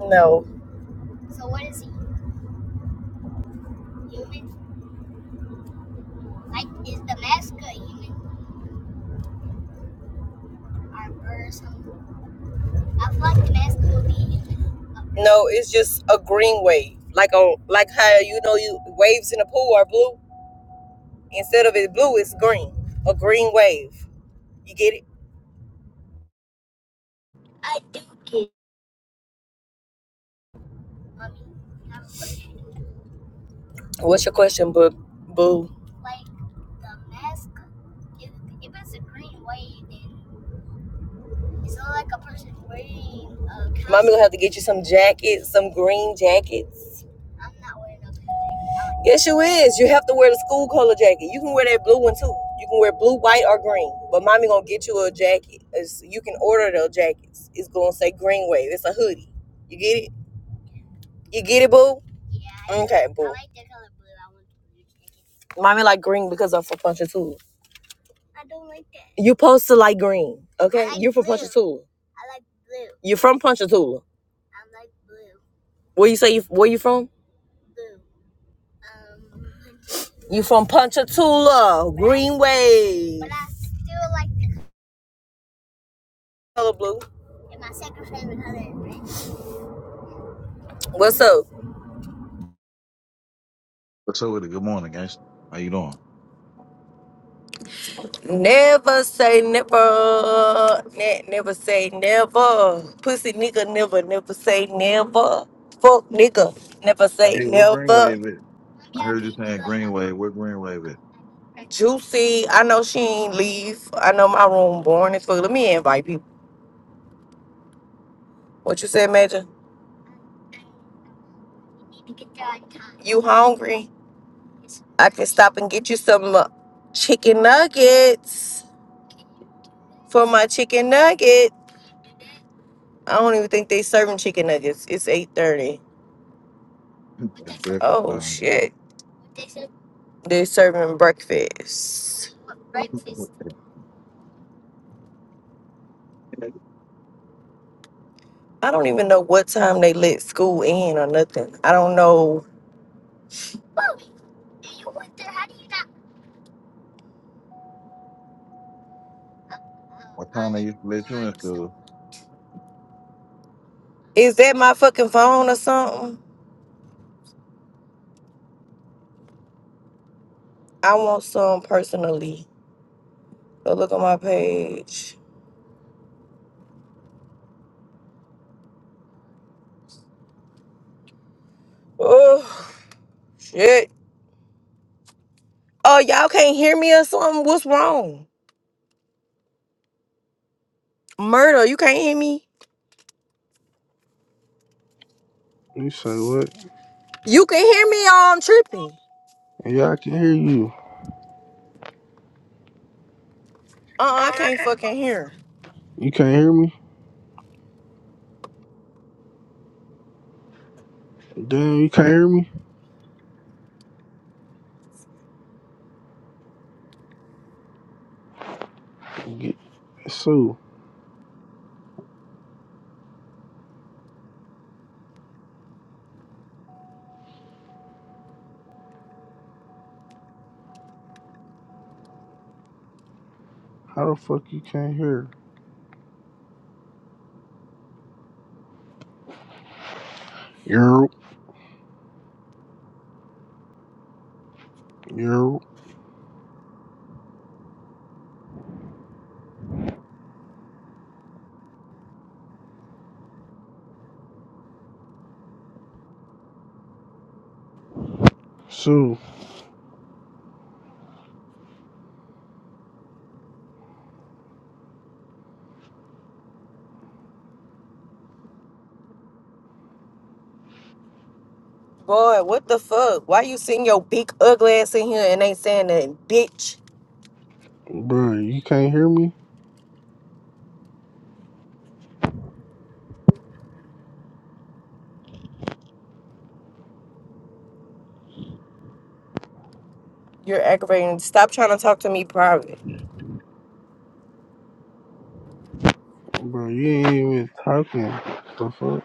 No, no, it's just a green wave, like on like how you know you waves in the pool are blue. Instead of it blue, it's green. A green wave. You get it? What's your question, boo? Boo. It's not like a a. person wearing a costume. Mommy gonna have to get you some jackets, some green jackets. Yes, you is. You have to wear the school color jacket. You can wear that blue one too. You can wear blue, white, or green. But mommy gonna get you a jacket. It's, you can order those jackets. It's gonna say green wave. It's a hoodie. You get it? You get it, boo? Yeah. I Okay, like, boo. I like the color blue. I want blue. Mommy like green because I'm from Punchatoula. You supposed to like green, okay? Like You're from Punchatoula. You're from Punchatoula. Where you say you where you from? You from Ponchatoula, Greenway? But Punchatoula, Green Wave. Color blue. What's up? What's up with it? Good morning, guys. How you doing? Never say never. Ne- never say never. Pussy nigga never, never say never. Fuck nigga, never say Hey, we're never. Greenwave it. I heard you saying Greenwave. We're Greenwave it. Juicy, I know she ain't leave. I know my room boring as fuck. Let me invite people. What you said, Major? You hungry? I can stop and get you some uh, chicken nuggets for my chicken nugget. I don't even think they serving chicken nuggets. It's 8.30. It's breakfast Oh, time, shit. They serving breakfast. man. I don't even know what time they let school in or nothing. I don't know. What time they used to let you in school? Is that my fucking phone or something? I want some personally. Go look on my page. Oh, shit. Oh, y'all can't hear me or something? What's wrong? Murder, you can't hear me? You say what? You can hear me or I'm tripping. Yeah, I can hear you. Uh-uh, I Oh, I can't can't fucking fucking. hear. You can't hear me? Damn, you can't hear me? Get- Sue, how the fuck you can't hear? Yo, yo. Sue, Boy, what the fuck? Why you sitting your big ugly ass in here and ain't saying nothing? Bitch, bro, you can't hear me? you're aggravating. Stop trying to talk to me private. Bro, you ain't even talking. The fuck?